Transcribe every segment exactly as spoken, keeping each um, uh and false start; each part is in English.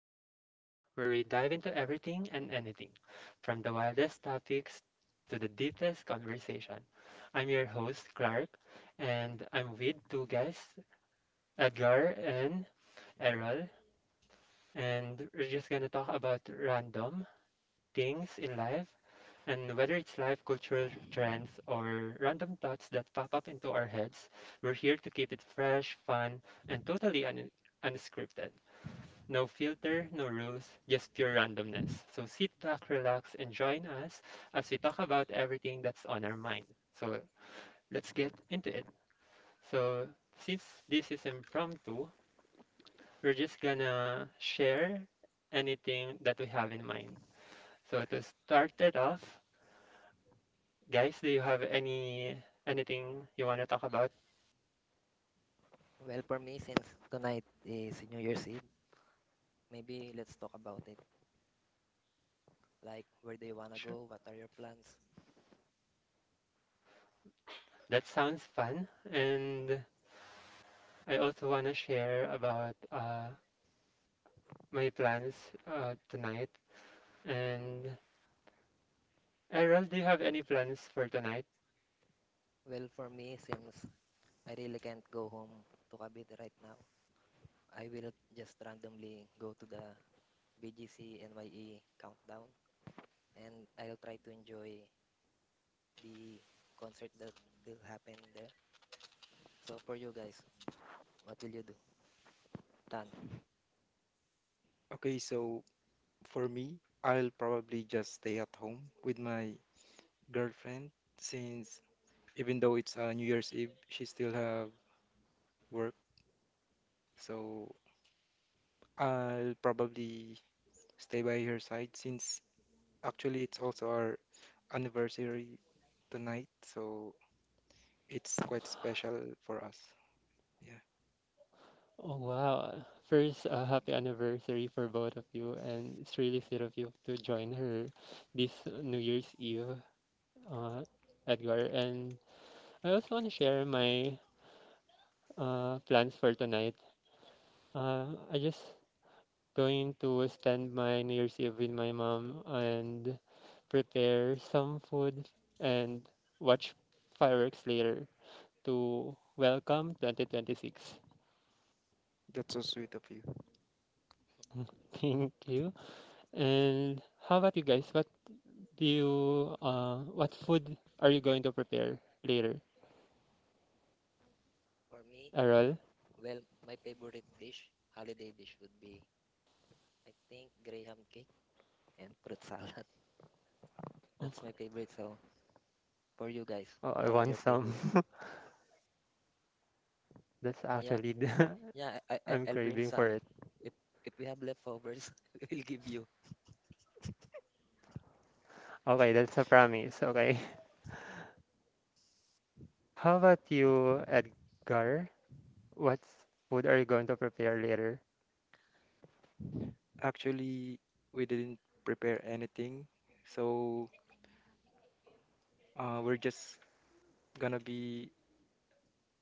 Goes Random, where we dive into everything and anything, from the wildest topics to the deepest conversation. I'm your host Clark, and I'm with two guests, Edgar and Errol, and we're just gonna talk about random things in life and whether it's life, cultural trends, or random thoughts that pop up into our heads. We're here to keep it fresh, fun, and totally un- unscripted. No filter, no rules, just pure randomness. So sit back, relax, and join us as we talk about everything that's on our mind. So let's get into it. So, since this is impromptu, we're just gonna share anything that we have in mind. So, to start it off, guys, do you have any anything you want to talk about? Well, for me, since tonight is New Year's Eve, maybe let's talk about it. Like, where do you wanna Sure. go? What are your plans? That sounds fun. And I also want to share about uh, my plans uh, tonight. And Errol, do you have any plans for tonight? Well, for me, since I really can't go home to Cavite right now, I will just randomly go to the B G C N Y E countdown and I'll try to enjoy the concert that will happen there. So, for you guys, what will you do? Tan. Okay, so for me, I'll probably just stay at home with my girlfriend since even though it's uh, New Year's Eve, she still have work. So I'll probably stay by her side since actually it's also our anniversary tonight, so it's quite special for us. Yeah, Oh wow. First, uh, happy anniversary for both of you, and it's really sweet of you to join her this New Year's Eve, uh, Edgar. And I also want to share my uh, plans for tonight. Uh, I just going to spend my New Year's Eve with my mom and prepare some food and watch fireworks later to welcome twenty twenty-six. that's so sweet of you. Thank you. And how about you guys? What do you uh what food are you going to prepare later? For me, Errol? well, my favorite dish, holiday dish, would be, I think, graham cake and fruit salad. That's my favorite. So for you guys, Oh, oh, I what are want your some. favorite? That's Yeah, actually the. yeah. I, I I'm I'll bring craving for some. it. If if we have leftovers, we'll give you. Okay, that's a promise. Okay. How about you, Edgar? What food are you going to prepare later? Actually, we didn't prepare anything, so uh, we're just gonna be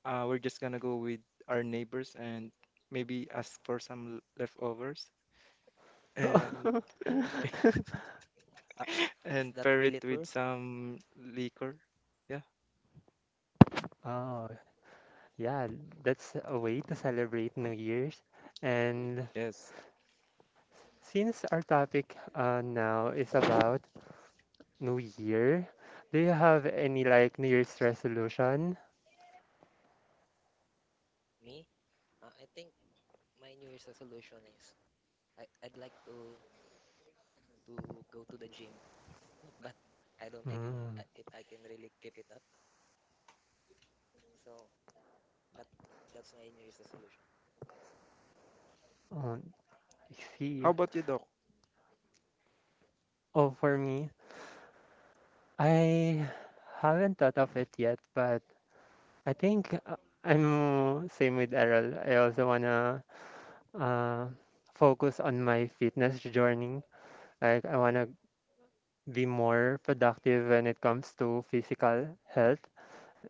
Uh, we're just gonna go with our neighbors and maybe ask for some l- leftovers and Are- Is and that pair it really with true? some liquor. Yeah. Oh, yeah, that's a way to celebrate New Year's. And Yes. since our topic uh, now is about New Year? Do you have any like New Year's resolution? Me? Uh, I think my New Year's resolution is I I'd like to to go to the gym, but I don't think if Mm. I, if I can really keep it up. So, but that's my New Year's resolution. Oh, I How see. about you, Doc? Oh, for me, I haven't thought of it yet, but I think uh, I'm same with Errol. I also wanna uh, focus on my fitness journey. Like I wanna be more productive when it comes to physical health.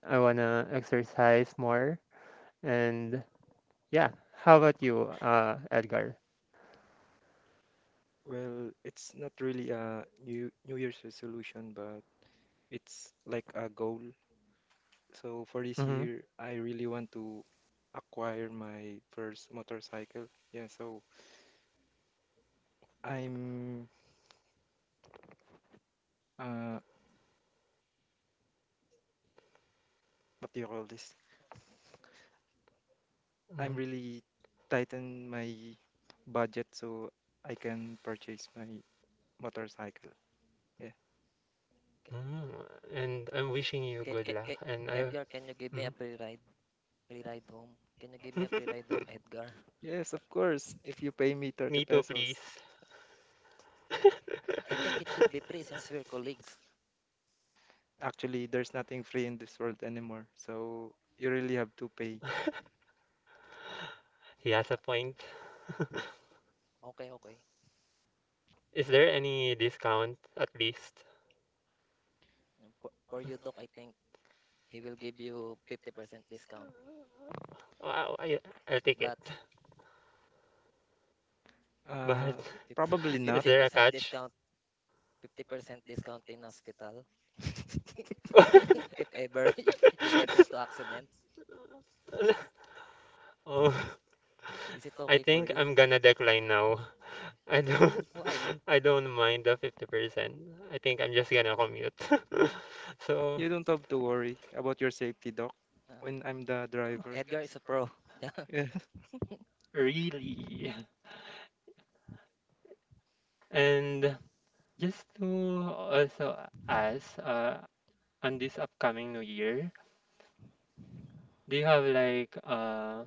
I wanna exercise more, and yeah. How about you, uh, Edgar? Well, it's not really a new New Year's resolution, but it's like a goal. So for this Mm-hmm. year, I really want to acquire my first motorcycle. Yeah, so I'm uh what do you call this? I'm really tighten my budget so I can purchase my motorcycle. Yeah. Mm, and I'm wishing you Can good can luck. can, And I, Edgar, can you give me a mm. free ride free ride home? Can you give me a free ride home, Edgar? Yes, of course. If you pay me thirty Me too, pesos, please. I think it should be free since we're colleagues. actually, there's nothing free in this world anymore. So you really have to pay. He has a point. Okay, okay. Is there any discount at least? Um, For for you, Doc, I think he will give you fifty percent discount. Wow, I, I'll take it. But But Uh, Probably not. is 50, there a percent catch? discount, fifty percent discount in hospital. If ever you get into accident, Oh, is it I okay for think you? I'm gonna decline now. I don't, Why? I don't mind the fifty percent. I think I'm just gonna commute. So, You don't have to worry about your safety, doc, Uh, when I'm the driver. Edgar is a pro. Yeah. Yeah. really. And just to also ask, uh, on this upcoming new year, do you have like uh,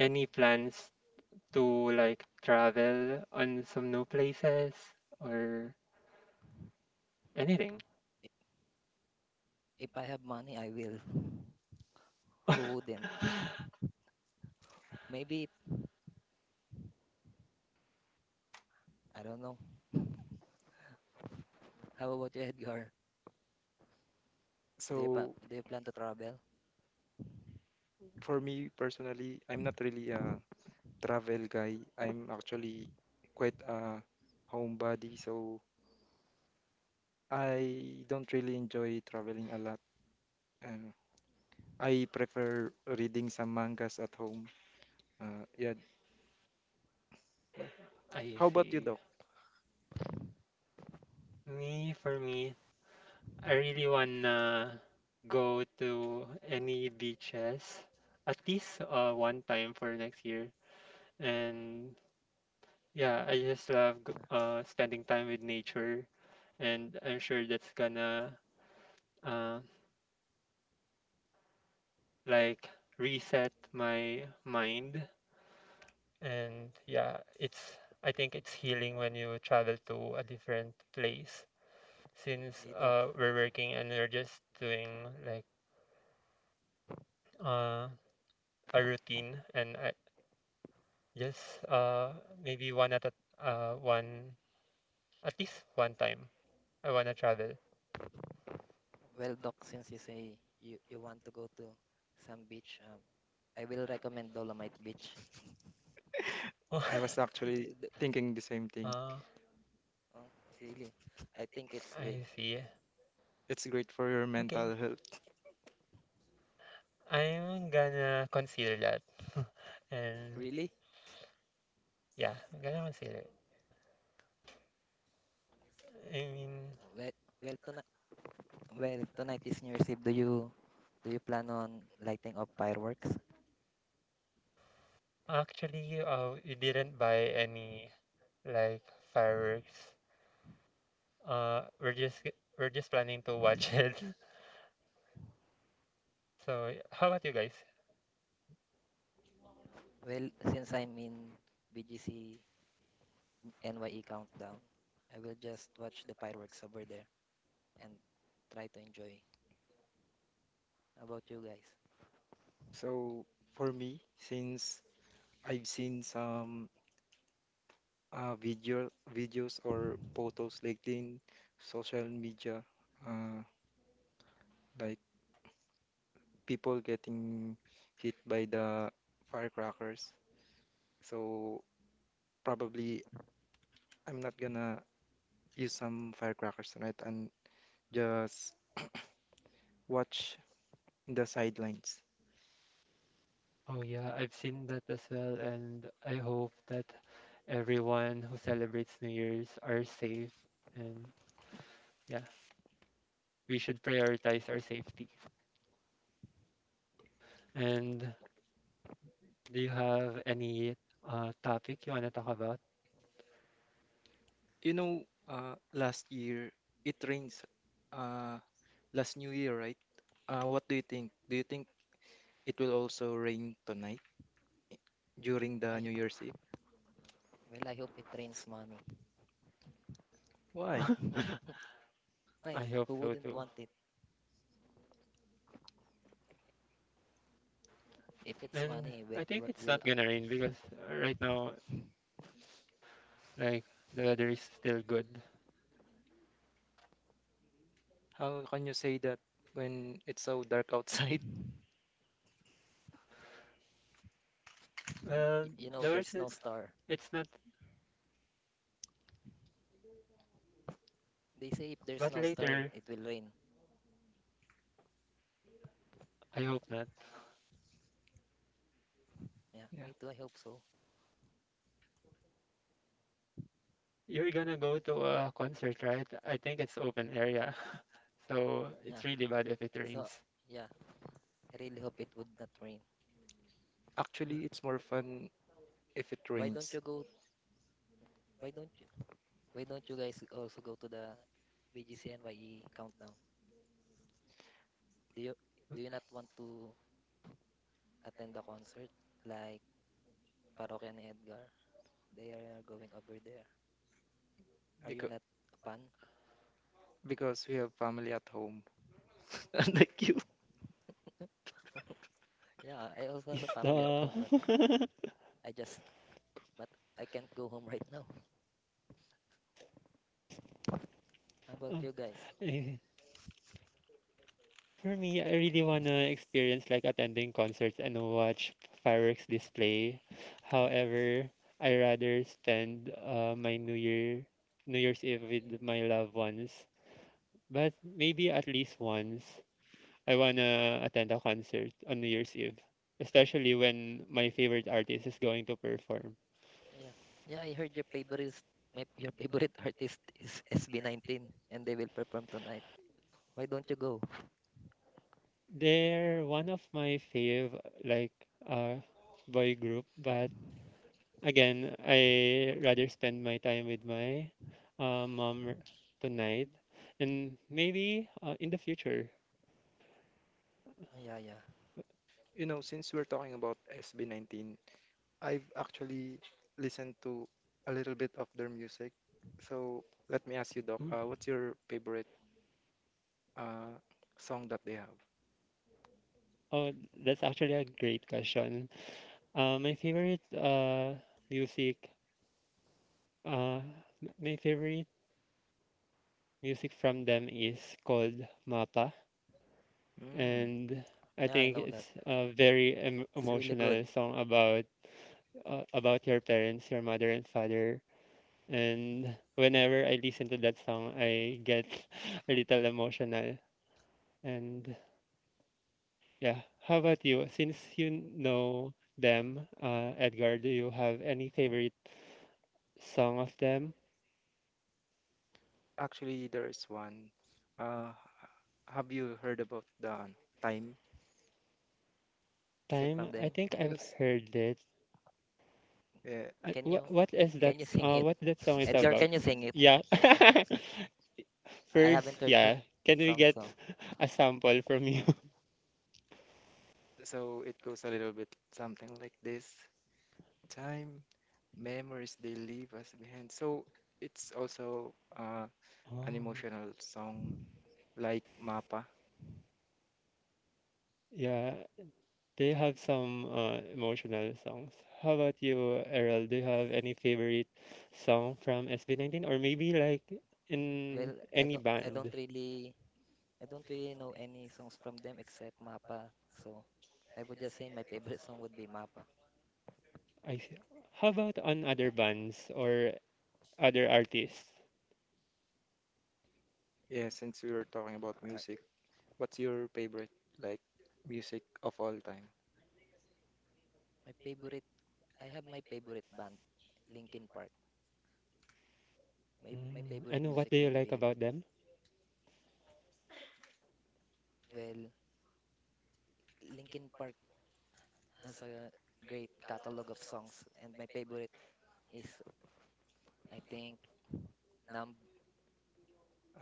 any plans to like travel on some new places or anything? If I have money, I will. Who wouldn't? Maybe, I don't know. How about you, Edgar? Do you, pa So do you plan to travel? for me personally, I'm not really a travel guy. I'm actually quite a homebody, so I don't really enjoy traveling a lot. And I prefer reading some mangas at home. Uh, yeah. Yeah. I How about you, see. Doc? Me, for me, I really wanna go to any beaches at least uh, one time for next year. And yeah, I just love g- uh, spending time with nature, and I'm sure that's gonna uh, like reset my mind. And yeah, it's I think it's healing when you travel to a different place since Hey, Doc. uh, we're working and we're just doing like uh, a routine, and I just uh, maybe one at a, uh, one at least one time I wanna travel. Well, Doc, since you say you, you want to go to some beach, um, I will recommend Dolomite Beach. uh, I was The- actually the- thinking the same thing. I oh, really? I think it's great. see. It's great for your Okay. mental health. I'm gonna consider that. And Really? yeah, I'm gonna consider it. I mean, Well, well tonight, well tonight is New Year's Eve. Do you do you plan on lighting up fireworks? actually, uh, we didn't buy any like fireworks. Uh, we're just g- we're just planning to watch it. So, y- how about you guys? Well, since I'm in B G C N Y E countdown, I will just watch the fireworks over there and try to enjoy. How about you guys? So for me, since I've seen some uh, video videos or photos like in social media, uh, like people getting hit by the firecrackers. So probably I'm not gonna use some firecrackers tonight and just watch the sidelines. Oh yeah, I've seen that as well, and I hope that everyone who celebrates New Year's are safe. And yeah, we should prioritize our safety. And do you have any uh topic you wanna talk about? You know, uh, last year it rains. Uh, Last New Year, right? Uh, what do you think? Do you think it will also rain tonight Well, during the I New Year's Eve? well I hope it rains money. Why? I Why? hope Who so wouldn't too. want it? If it's And money, we, I think we're- it's we'll, not gonna uh, rain because uh, right now, like, the weather is still good. How can you say that when it's so dark outside? in- y- Well, you know, the there's weather, no star. it's not, They say if there's but no star, later, it will rain. I hope not. Yeah, Yeah. me too. I hope so. You're gonna go to a concert, right? I think it's open area. So it's Yeah. really bad if it So rains. yeah, I really hope it would not rain. Yeah. Actually, it's more fun if it Why don't rains you go? Why don't you? Why don't you guys also go to the BGCNYE countdown? Do you do you not want to attend the concert like Parokya and Edgar? They are going over there. Are you because not a fan? because we have family at home, unlike you. Yeah, I also have Is a the family at home, but I just but I can't go home right now. How about uh, you guys? eh, For me, I really wanna experience like attending concerts and watch fireworks display. However, I rather spend uh, my New Year New Year's Eve with my loved ones. But maybe at least once I wanna attend a concert on New Year's Eve, especially when my favorite artist is going to perform. Yeah. Yeah, I heard your favorite my your favorite artist is S B nineteen and they will perform tonight. Why don't you go? They're one of my fave like uh boy group, but Again, I rather spend my time with my uh, mom r- tonight, and maybe uh, in the future. Oh, yeah, yeah. You know, since we're talking about S B nineteen, I've actually listened to a little bit of their music. So let me ask you, Doc, Mm. uh, what's your favorite uh, song that they have? Oh, that's actually a great question. Uh, my favorite uh, music, uh, m- my favorite music from them is called Mapa, Mm, and I Yeah, I think know that. it's a very em It's really good. emotional song about uh, about your parents, your mother and father. And whenever I listen to that song, I get a little emotional. And yeah, how about you? Since you know them, uh, Edgar, do you have any favorite song of them? actually, there is one. Uh, have you heard about the Time? Is it Time, from I them? think I've Yes. heard it. Yeah, Uh, Can What you what is that? can you sing Uh, it? What that song is Edgar, about? can you sing it? Yeah. I haven't First, heard that yeah. Can we song, get so. a sample from you? Wow. so it goes a little bit something like this. Time, memories they leave us behind. So it's also uh, an Oh, emotional song like Mapa? yeah. They have some uh, emotional songs. How about you, Errol? Do you have any favorite song from S B nineteen or maybe like in Well, I any don't I band? don't really I don't really know any songs from them except Mapa. So, I would just say my favorite song would be Mapa. I see. How about on other bands or other artists? Yeah, Mm, since we were talking about ar- music, what's your favorite like music of all time? My favorite I have my favorite band, Linkin Park. My my Mm. favorite And what music do you would like be, about them? well, Linkin Park has a great catalog of songs, and my favorite is, I think, Numb.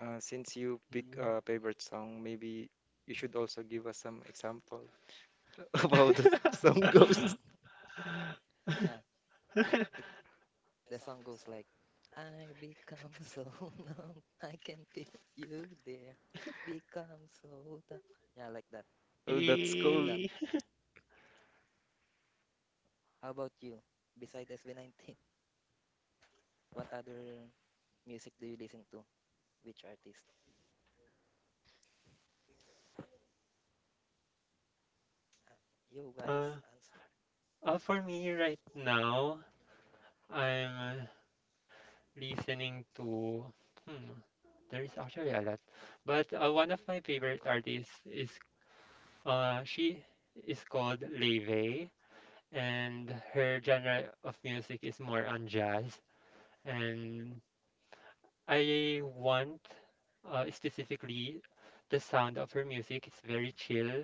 Uh, since you pick Mm. a favorite song, maybe you should also give us some example of Yeah, how the s- song goes. yeah. It the song goes like, I become so numb, I can feel you there. Become so numb. Yeah, like that. Oh, that's I'm cool. Eh, done. How about you? Besides S B nineteen, what other music do you listen to? Which artist? Uh, you uh, guys answer. uh, for me right now, I'm uh, listening to hmm, there is actually a lot. But uh, one of my favorite artists is uh she is called Leve, and her genre of music is more on jazz, and I want uh, specifically the sound of her music. It's very chill,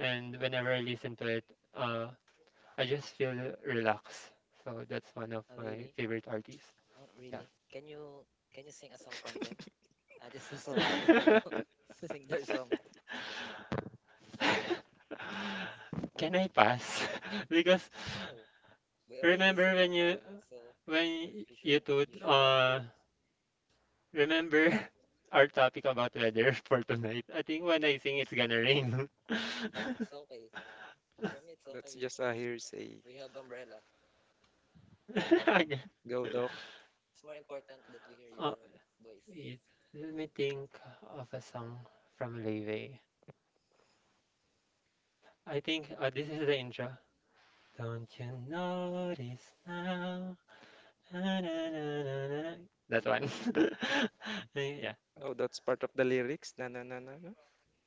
and whenever I listen to it uh I just feel relaxed. So that's one of Oh, my really? favorite artists. Oh, really? Can you can you sing a song from them? I just also want to hear you Yeah. sing their song. Can I pass? Because No, we already remember sing our when part, you so when you you should two you should have uh too. remember our topic about weather for tonight? I think when I sing it's gonna rain. It's okay. For me, it's That's okay. just a hearsay. We have umbrella. Ag- Go, Doc. It's more important that we hear uh, your voice. wait, let me think of a song from Leeway. I think uh, this is the intro. Don't you notice now? Na, na, na, na, na. That one. Eh, yeah. Oh, that's part of the lyrics. Na na na na. Na.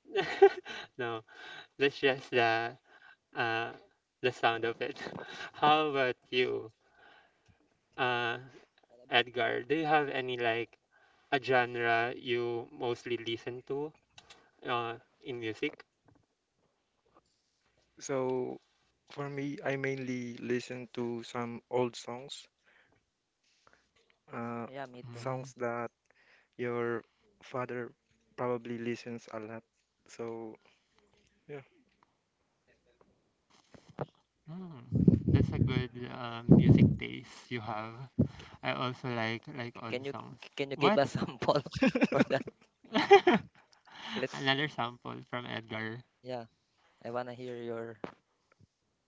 No, that's just the uh, the sound of it. How about you, uh, What about me? Edgar? Do you have any like a genre you mostly listen to uh, in music? So for me, I mainly listen to some old songs, uh, Yeah, me too. Mm. songs that your father probably listens a lot. So, yeah. Mm. That's a good uh, music taste you have. C- I also like like c- old can you songs. can you give What? a sample for that? Let Another sample from Edgar. Yeah, I wanna hear your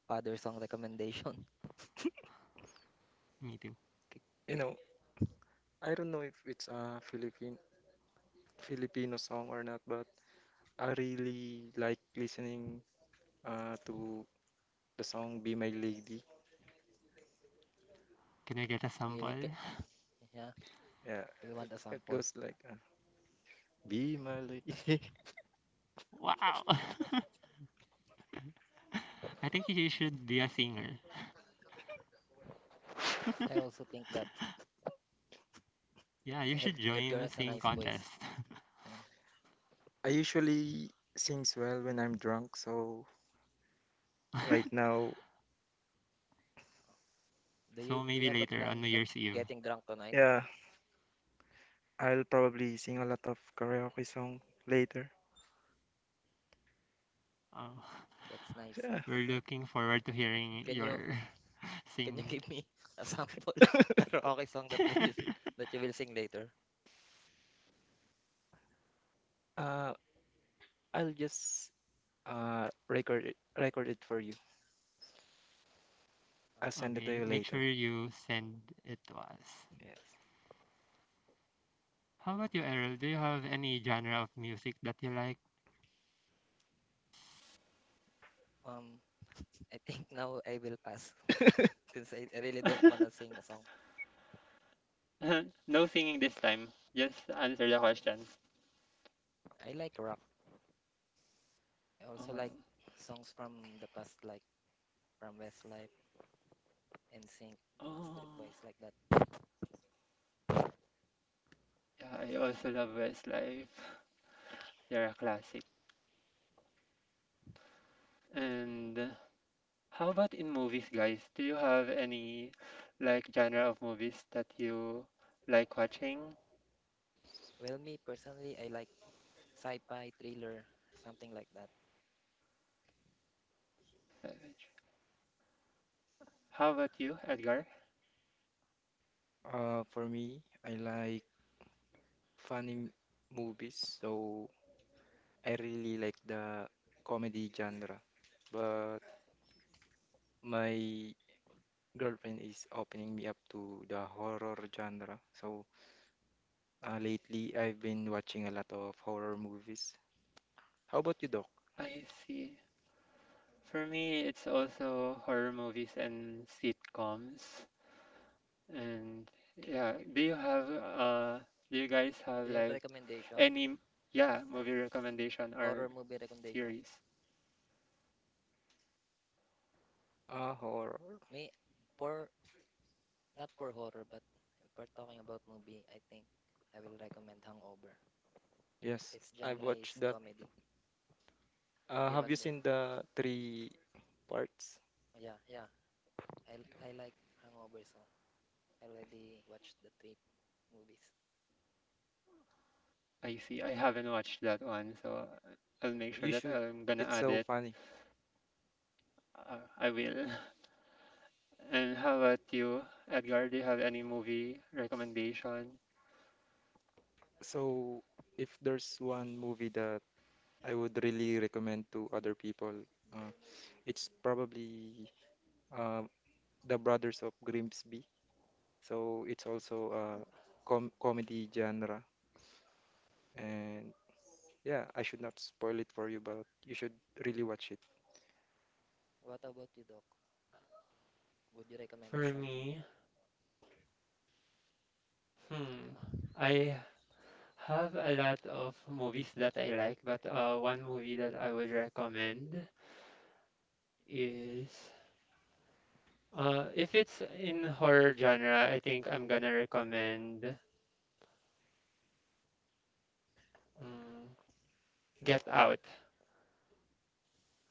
father song recommendation. Me too. K- You k- know, I don't know if it's a Philippine Filipino song or not, but I really like listening uh, to the song Be My Lady. Can we get a Really? sample? K- yeah, Yeah, we it, want a it sample. goes like uh, Be My Lady. Wow. I think you should be a singer. I also think that Yeah, you Ed, should Edgar join has a singing nice voice. contest. Oh. I usually sings well when I'm drunk, so right now, Do you So do you maybe have a later plan on New of Year's Eve. getting drunk tonight? yeah, I'll probably sing a lot of karaoke song later. Uh, That's nice. Yeah, we're looking forward to hearing Can you your can you sing. give me a sample karaoke song that will Okay, you sing that you will sing later? uh, I'll just uh, record it, record it for you. I'll send it to you make sure later. you send it to us. Yes. How about you, Errol? Do you have any genre of music that you like? Um, I think now I will pass since I, I really don't wanna sing a song. No singing this time. Just answer the Yeah, question. I like rock. I also like Um, songs from the past, like from Westlife, NSYNC, Backstreet oh, Boys, like that. yeah, I also love Westlife. They're a classic. And how about in movies, guys? Do you have any like genre of movies that you like watching? Well, me personally, I like sci-fi, thriller, something like that. Uh, which- How about you, Edgar? Uh, for me, I like funny m- movies, so I really like the comedy genre. But my girlfriend is opening me up to the horror genre. So uh, lately, I've been watching a lot of horror movies. How about you, Doc? I see. For me, it's also horror movies and sitcoms. And yeah, do you have uh do you guys have Do you have like recommendation? any m- yeah, movie recommendation or Horror movie recommendation. series? Uh, horror. Me for Not for horror, but if we're talking about movie, I think I will recommend Hangover. Yes, Its I've genre is watched that. comedy. Have Uh, you Have you watched that? seen the three parts? Yeah, yeah. I l- I like Hangover, so I already watched the three movies. I see. I haven't watched that one, so I'll make sure You that should. I'm gonna It's add so it. funny. Uh, I will. And how about you, Edgar? Do you have any movie recommendation? So, if there's one movie that I would really recommend to other people, uh, it's probably uh, The Brothers of Grimsby. So, it's also a com comedy genre. And yeah, I should not spoil it for you, but you should really watch it. What about you, Doc? Would you recommend the For same movie? me, hmm, I have a lot of movies that I like, but uh, one movie that I would recommend is uh, if it's in horror genre, I think I'm gonna recommend um, Get Out.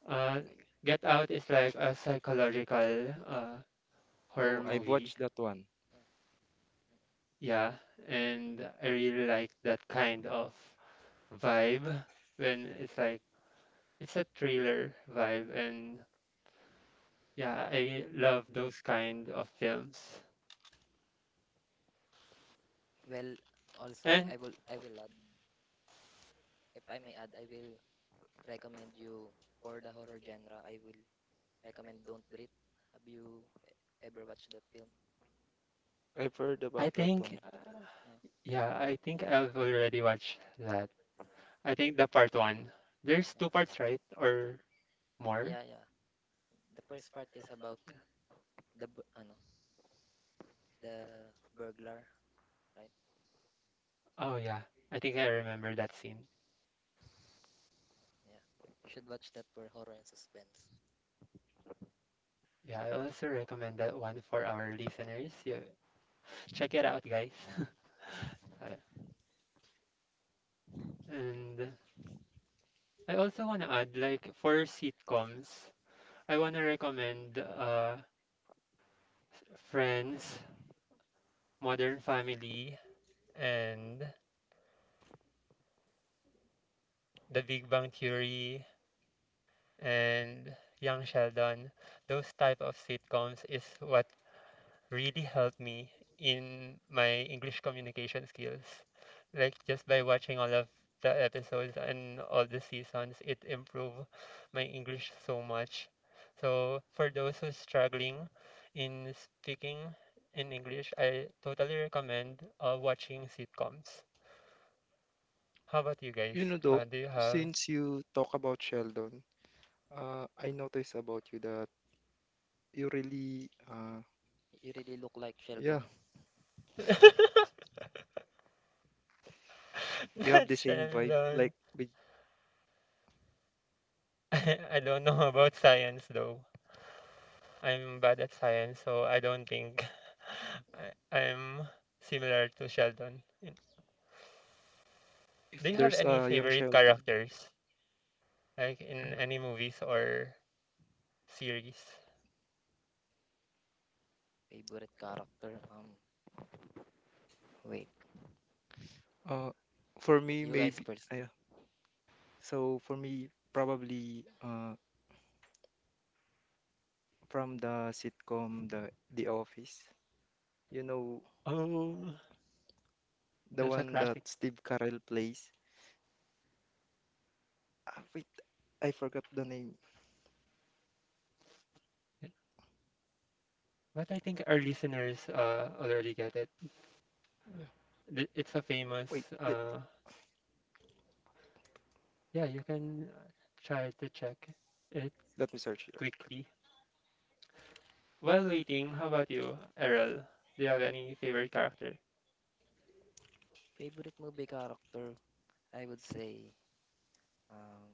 Uh, Get Out is like a psychological uh, Oh, horror I've movie. watched that one. Uh, Yeah, and I really like that kind of vibe when it's like it's a thriller vibe, and yeah, I love those kind of films. Well, also, And I will I will add, if I may add, I will recommend you for the horror genre. I will recommend Don't Breathe. Have you e- ever watched that film? I've heard I about that think one. Uh, yeah I think yeah. I've already watched that. I think the part No. one, there's two Yeah. parts, right? Or more? Yeah, yeah. The first part is about the bu- ano, the burglar, right? Oh yeah, I think I remember that scene. Yeah. You should watch that for horror and suspense. Yeah, I also recommend that one for our listeners. Yeah, check it out, guys. So, yeah. And I also want to add, like, for sitcoms, I want to recommend uh Friends, Modern Family, and The Big Bang Theory and Young Sheldon. Those type of sitcoms is what really helped me in my English communication skills. Like just by watching all of the episodes and all the seasons, it improved my English so much. So for those who's struggling in speaking in English, I totally recommend uh, watching sitcoms. How about you guys? You know, Doc, Uh, do you have since you talk about Sheldon, uh, I noticed about you that you really, uh, You really look like yeah, Sheldon. you have not the same vibe Sheldon? like with I, I don't know about science though. I'm bad at science, so I don't think I, I'm similar to Sheldon. In- Do if you have there's any a young favorite Sheldon. characters, like in any movies or series? Favorite character? Um, wait. Uh, for me, You guys maybe. first. ah, Yeah. So for me, probably uh, from the sitcom The The Office. You know, Oh, the that's a one that classic. Steve Carell plays. Ah, wait, I forgot the name. Yeah. But I think our listeners uh, already get it. Yeah. Th- It's a Wait, famous. let, Uh, yeah, you can uh, try to check it let me search it. quickly. While waiting, how about you, Errol? Do you have any favorite character? Favorite movie character? I would say, um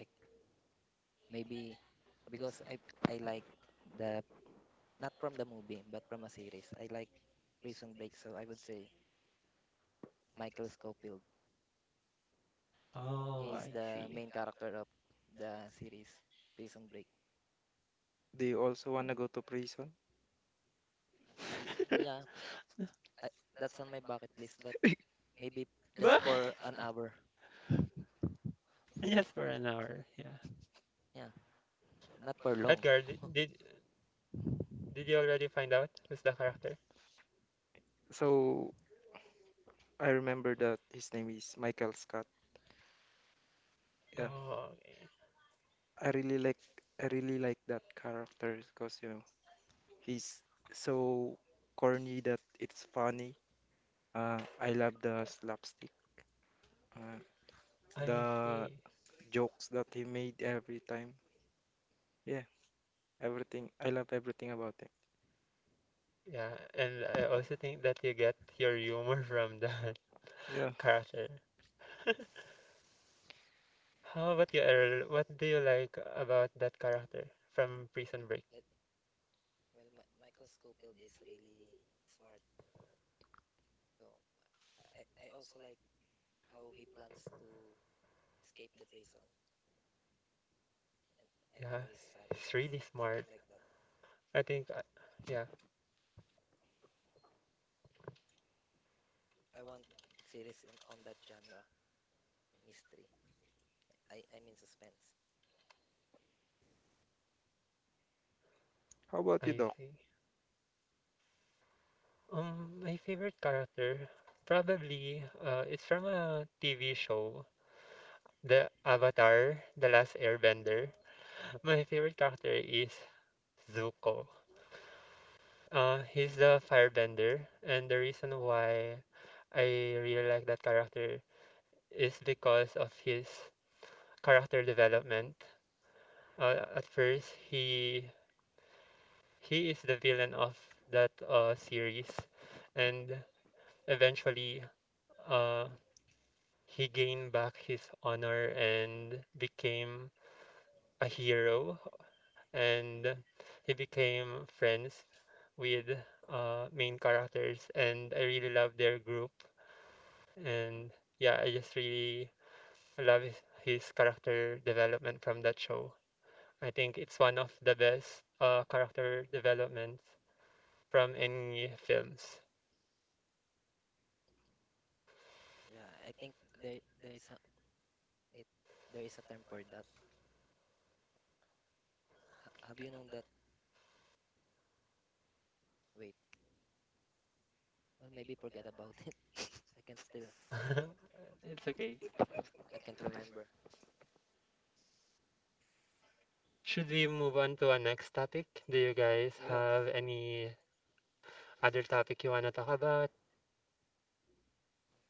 I, maybe because I I like, the not from the movie but from a series. I like Prison Break, so I would say Michael Scofield. Oh, He is I the see. main character of the series Prison Break. They also wanna go to prison. Y- Yeah, I, that's on my bucket list, but maybe just for an Bakit? hour. Yes, for an hour. Yeah. Yeah, not for long. Edgar, di- did did you already find out who's the character? So I remember that his name is Michael Scott. Yeah, Oh, okay. I really like I really like that character because you know he's so corny that it's funny. Uh, I love the slapstick, uh, I the see. jokes that he made every time. Yeah, everything. I love everything about him. Yeah, and I also think that you get your humor from that Yeah. character. How about you, Errol? What do you like about that character from Prison Break? Well, well, Mi- Michael Scofield is really smart. So I, I I also like how he plans to escape the prison and, and Yeah, how he he's strategize, really smart. something like that. I think, Yeah, I, yeah, I want series on, on that genre, mystery. I, I mean suspense. How about you, I Doc? see. Um, my favorite character, probably, uh, it's from a T V show, The Avatar, The Last Airbender. My favorite character is Zuko. Uh, he's the firebender, and the reason why I really like that character is because of his character development. Uh, at first, he he is the villain of that uh, series, and eventually, uh, he gained back his honor and became a hero, and he became friends with uh, main characters. And I really love their group. And yeah, I just really love his, his character development from that show. I think it's one of the best uh, character developments from any films. Yeah, I think there there is a it there is a term for that. Ha- have you known that? Wait, well maybe forget about it. I can still It's okay. I can't remember. Should we move on to our next topic? Do you guys Yeah. have any other topic you wanna talk about?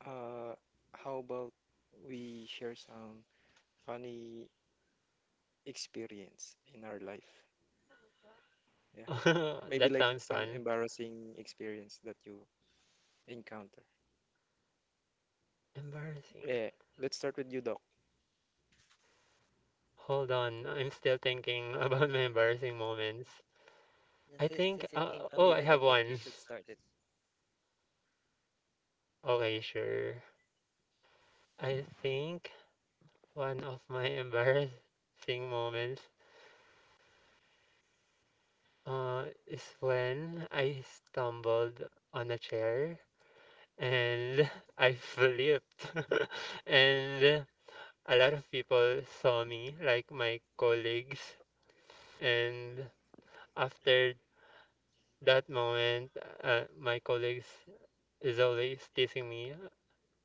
Uh, Eh, how about we share some funny experience in our life? Yeah. Maybe That like sounds some fun. embarrassing experience that you encounter. Embarrassing. Yeah. Let's start with you, Doc. Hold on, I'm still thinking about my embarrassing moments. Yeah, I si- think, since it came uh, from oh, you, I Ed, have I think one. you should start it. Okay, sure. I think one of my embarrassing moments uh, is when I stumbled on a chair and I flipped. and a lot of people saw me, like my colleagues. And after that moment, uh, my colleagues is always teasing me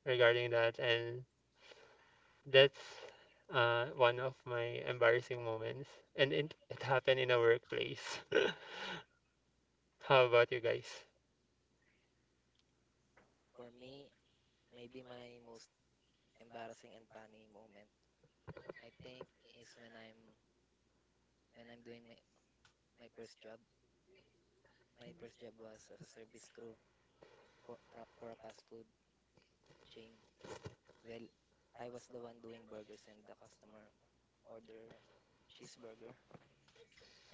regarding that, and that's uh, one of my embarrassing moments. And it, it happened in a workplace. How about you guys? For me, maybe my most embarrassing and funny moment, I think, is when I'm when I'm doing my, my first job. My first job was as a service crew for pro- for a fast food chain. Well, I was the one doing burgers, and the customer order cheeseburger,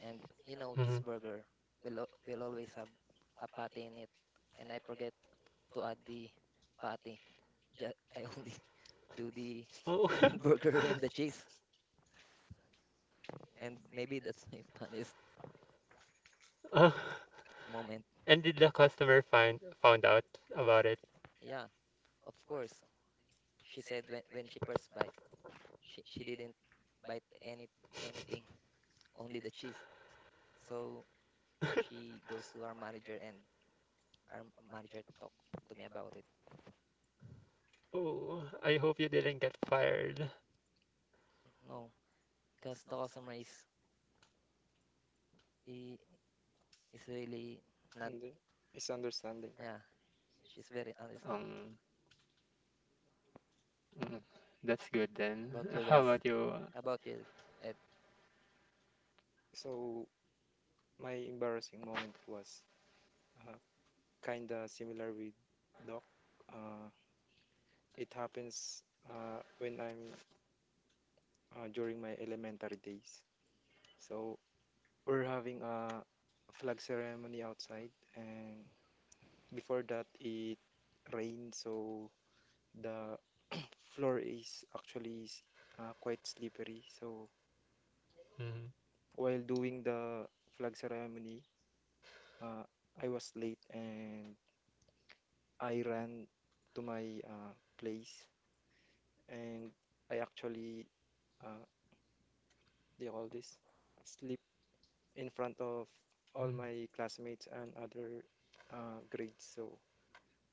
and you know Hmm. cheeseburger will al- will always have a patty in it, and I forget to add the patty. Ju- I only do the Oh, burger and the cheese, and maybe that's my funniest oh, moment. and did the customer find found out about it? Yeah, of course. She said when, when she first bite, she, she didn't bite any anything, only the cheese. So she goes to our manager, and our manager talk to me about it. Oh, I hope you didn't get fired. No, because the customer is he is really not. And the misunderstanding. Yeah, she's very understanding. Um, mm, that's good then. About you How guys? about you? About you, Ed? So, my embarrassing moment was uh, kind of similar with Doc. Uh, it happens uh, when I'm uh, during my elementary days. So we're having a flag ceremony outside, and before that, it rained, so the floor is actually s- uh, quite slippery. So Mm-hmm. while doing the flag ceremony, uh, I was late and I ran to my uh, place and I actually uh, they call this sleep in front of all Mm-hmm. my classmates and other uh, grades. So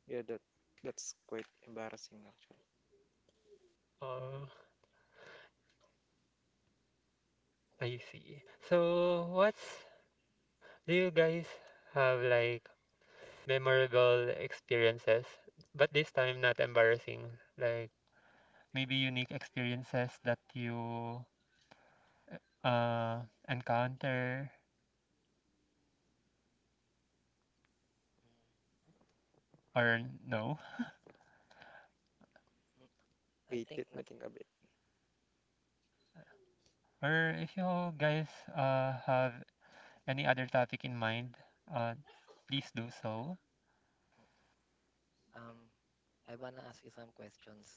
yeah, that that's quite embarrassing actually. Oh, I see. So what's do you guys have like memorable experiences, but this time not embarrassing, like maybe unique experiences that you uh encounter or no? Mm, I Wait, think let me na- think a bit. Or if you guys uh have any other topic in mind, uh please do so. Um, I wanna ask you some questions.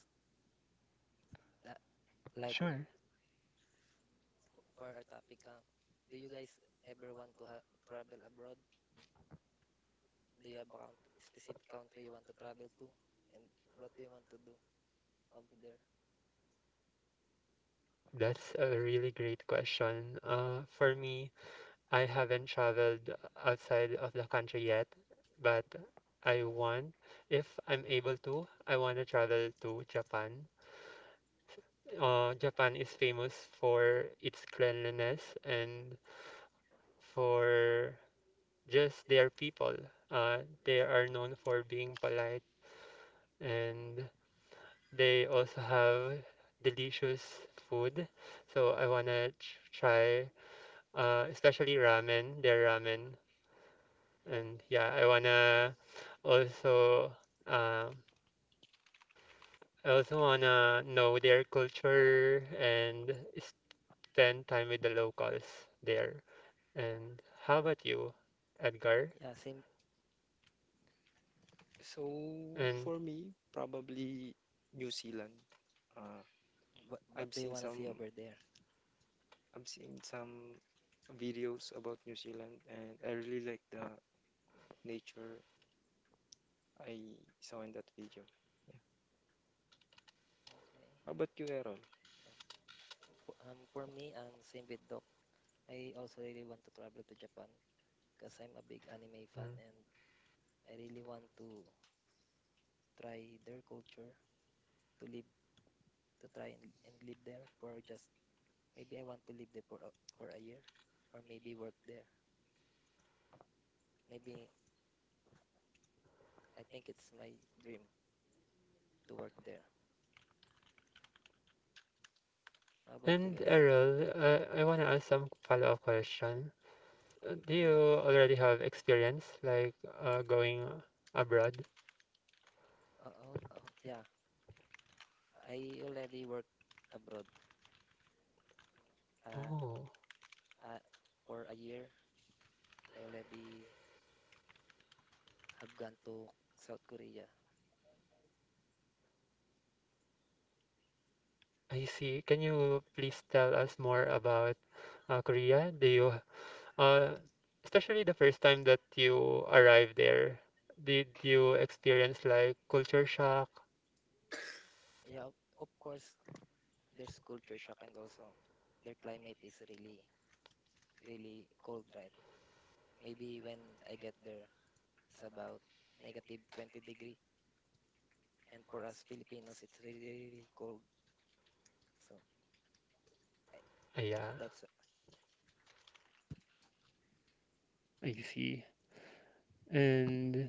That, like, Sure. for our topic, uh, do you guys ever want to ha- travel abroad? Do you have a count- specific country you want to travel to, and what do you want to do over there? That's a really great question. Uh, for me, I haven't traveled outside of the country yet, but I want, if I'm able to, I want to travel to Japan. Uh, Japan is famous for its cleanliness and for just their people. Uh, they are known for being polite and they also have delicious food. So I want to try, uh, especially ramen, their ramen. Yeah, And yeah, I wanna also um, I also wanna know their culture and spend time with the locals there. And how about you, Edgar? yeah, same. So for And me, probably New Zealand. Uh, What, I've what do seen you wanna see some over there? I've seen some videos about New Zealand and I really like the nature I saw in that video. Okay. How about you, Errol? Uh, for- Um, for me, um, same with Doc. I also really want to travel to Japan because I'm a big anime fan mm, and I really want to try their culture to live to try and, and live there for just maybe I want to live there for a, for a year, or maybe work there. Maybe I think it's my dream to work there. How about you and guys? Errol, uh, I wanna ask some follow-up question. Uh, Do Oh you yeah. already have experience like uh, going abroad? Oh, oh, oh yeah. I already work abroad. Uh, Oh, uh, for a year, I already have gone to South Korea. I see. Can you please tell us more about uh, Korea? Do you, uh, Especially the first time that you arrived there, did you experience like culture shock? Yeah, of of course, there's culture shock and also their climate is really, really cold, right? Maybe when I get there, it's about negative twenty degree. And for us Filipinos, it's really, really cold. So I, Ah, yeah, that's I see. And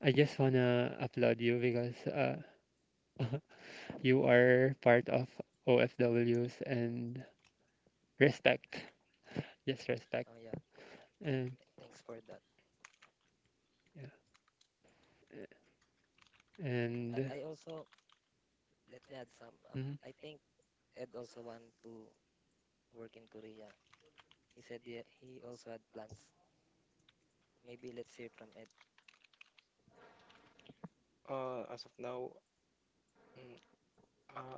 I just wanna applaud you because uh, you are part of O F Ws and respect. Yes, respect. Oh yeah, And thanks for that. yeah, and I, I also Let me add some. Um, mhm. I think Ed also want to work in Korea. He said he he also had plans. Maybe let's hear from Ed. Uh, as of now, mm, uh,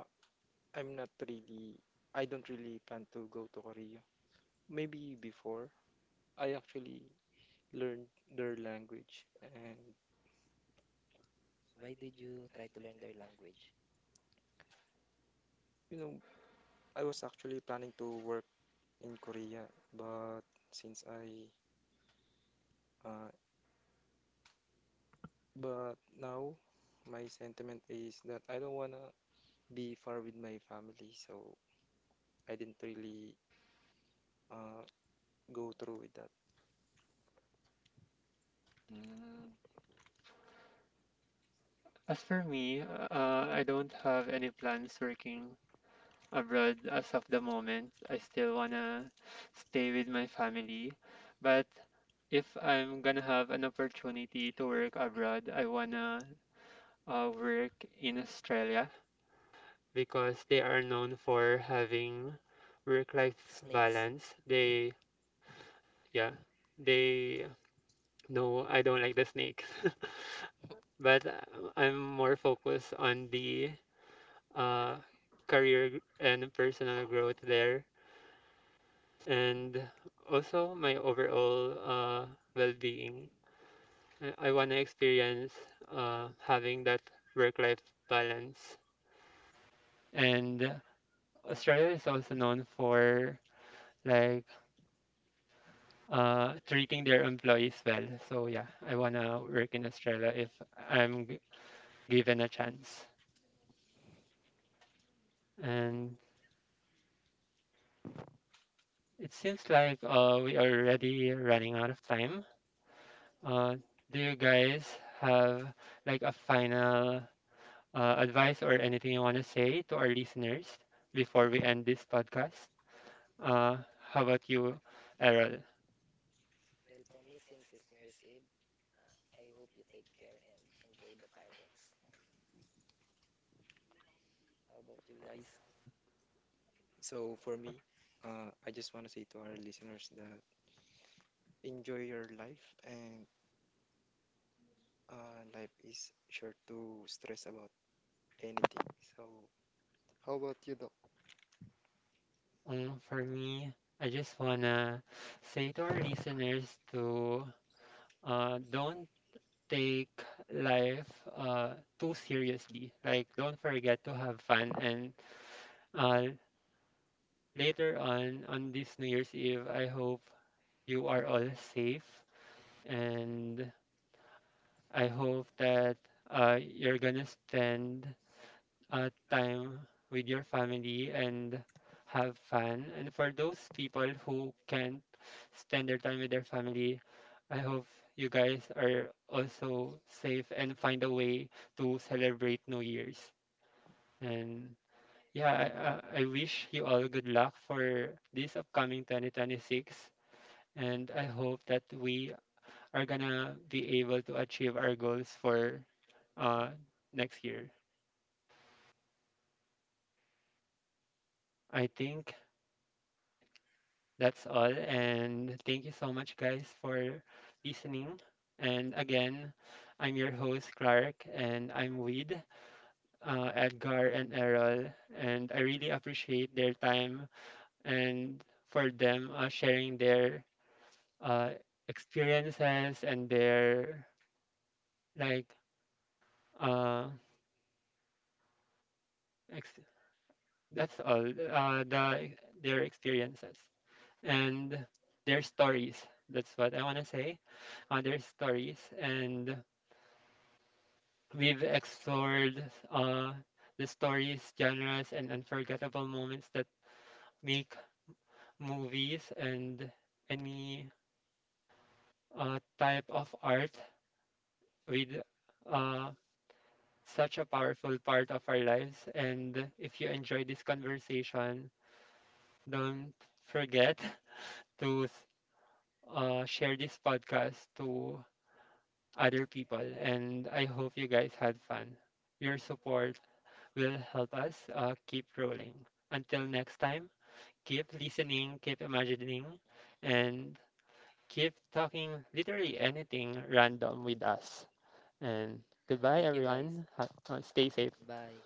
I'm not really, I don't really plan to go to Korea. Maybe before, I actually learned their language. And, Why did you try to learn their language? you know, I was actually planning to work in Korea, but since I, uh, but now my sentiment is that I don't wanna be far with my family, so I didn't really uh, go through with that. Mm. As for me, uh, uh, I don't have any plans working abroad as of the moment. I still wanna stay with my family, but if I'm gonna have an opportunity to work abroad, I wanna uh, work in Australia because they are known for having work-life Snakes. balance. They, yeah, they. No, I don't like the snakes, but uh, I'm more focused on the uh, career gr- and personal growth there, and also my overall uh, well-being. I want to experience uh, having that work-life balance. And uh, Australia is also known for like uh, treating their employees well. So yeah, I want to work in Australia if I'm g- given a chance. And it seems like uh, we are already running out of time. Uh, do you guys have like a final uh, advice or anything you want to say to our listeners before we end this podcast? Uh, how about you, Errol? Well, for me, since it's New Year's Eve, uh, I hope you take care and enjoy the fireworks. How about you guys? So for me, uh, I just wanna say to our listeners that enjoy your life and uh, life is sure to stress about anything. So, how about you, Doc? Um, for me, I just want to say to our listeners to uh, don't take life uh, too seriously. Like, don't forget to have fun and uh, later on on this New Year's Eve, I hope you are all safe and I hope that uh, you're gonna spend uh, time with your family and have fun. And for those people who can't spend their time with their family, I hope you guys are also safe and find a way to celebrate New Year's. And yeah, I, I I wish you all good luck for this upcoming twenty twenty-six. And I hope that we are gonna be able to achieve our goals for uh, next year. I think that's all. And thank you so much, guys, for listening. And again, I'm your host, Clark, and I'm with uh, Edgar and Errol. And I really appreciate their time and for them uh, sharing their uh, experiences and their like uh, ex- that's all. Uh, the their experiences and their stories. That's what I want to say. Uh, their stories, and we've explored uh, the stories, genres, and unforgettable moments that make movies and any uh, type of art with uh, such a powerful part of our lives. And if you enjoyed this conversation, don't forget to uh, share this podcast to other people. And I hope you guys had fun. Your support will help us uh, keep rolling. Until next time, keep listening, keep imagining, and keep talking literally anything random with us. And Yeah, goodbye, thank you guys. everyone. Ha- uh, stay safe. Bye.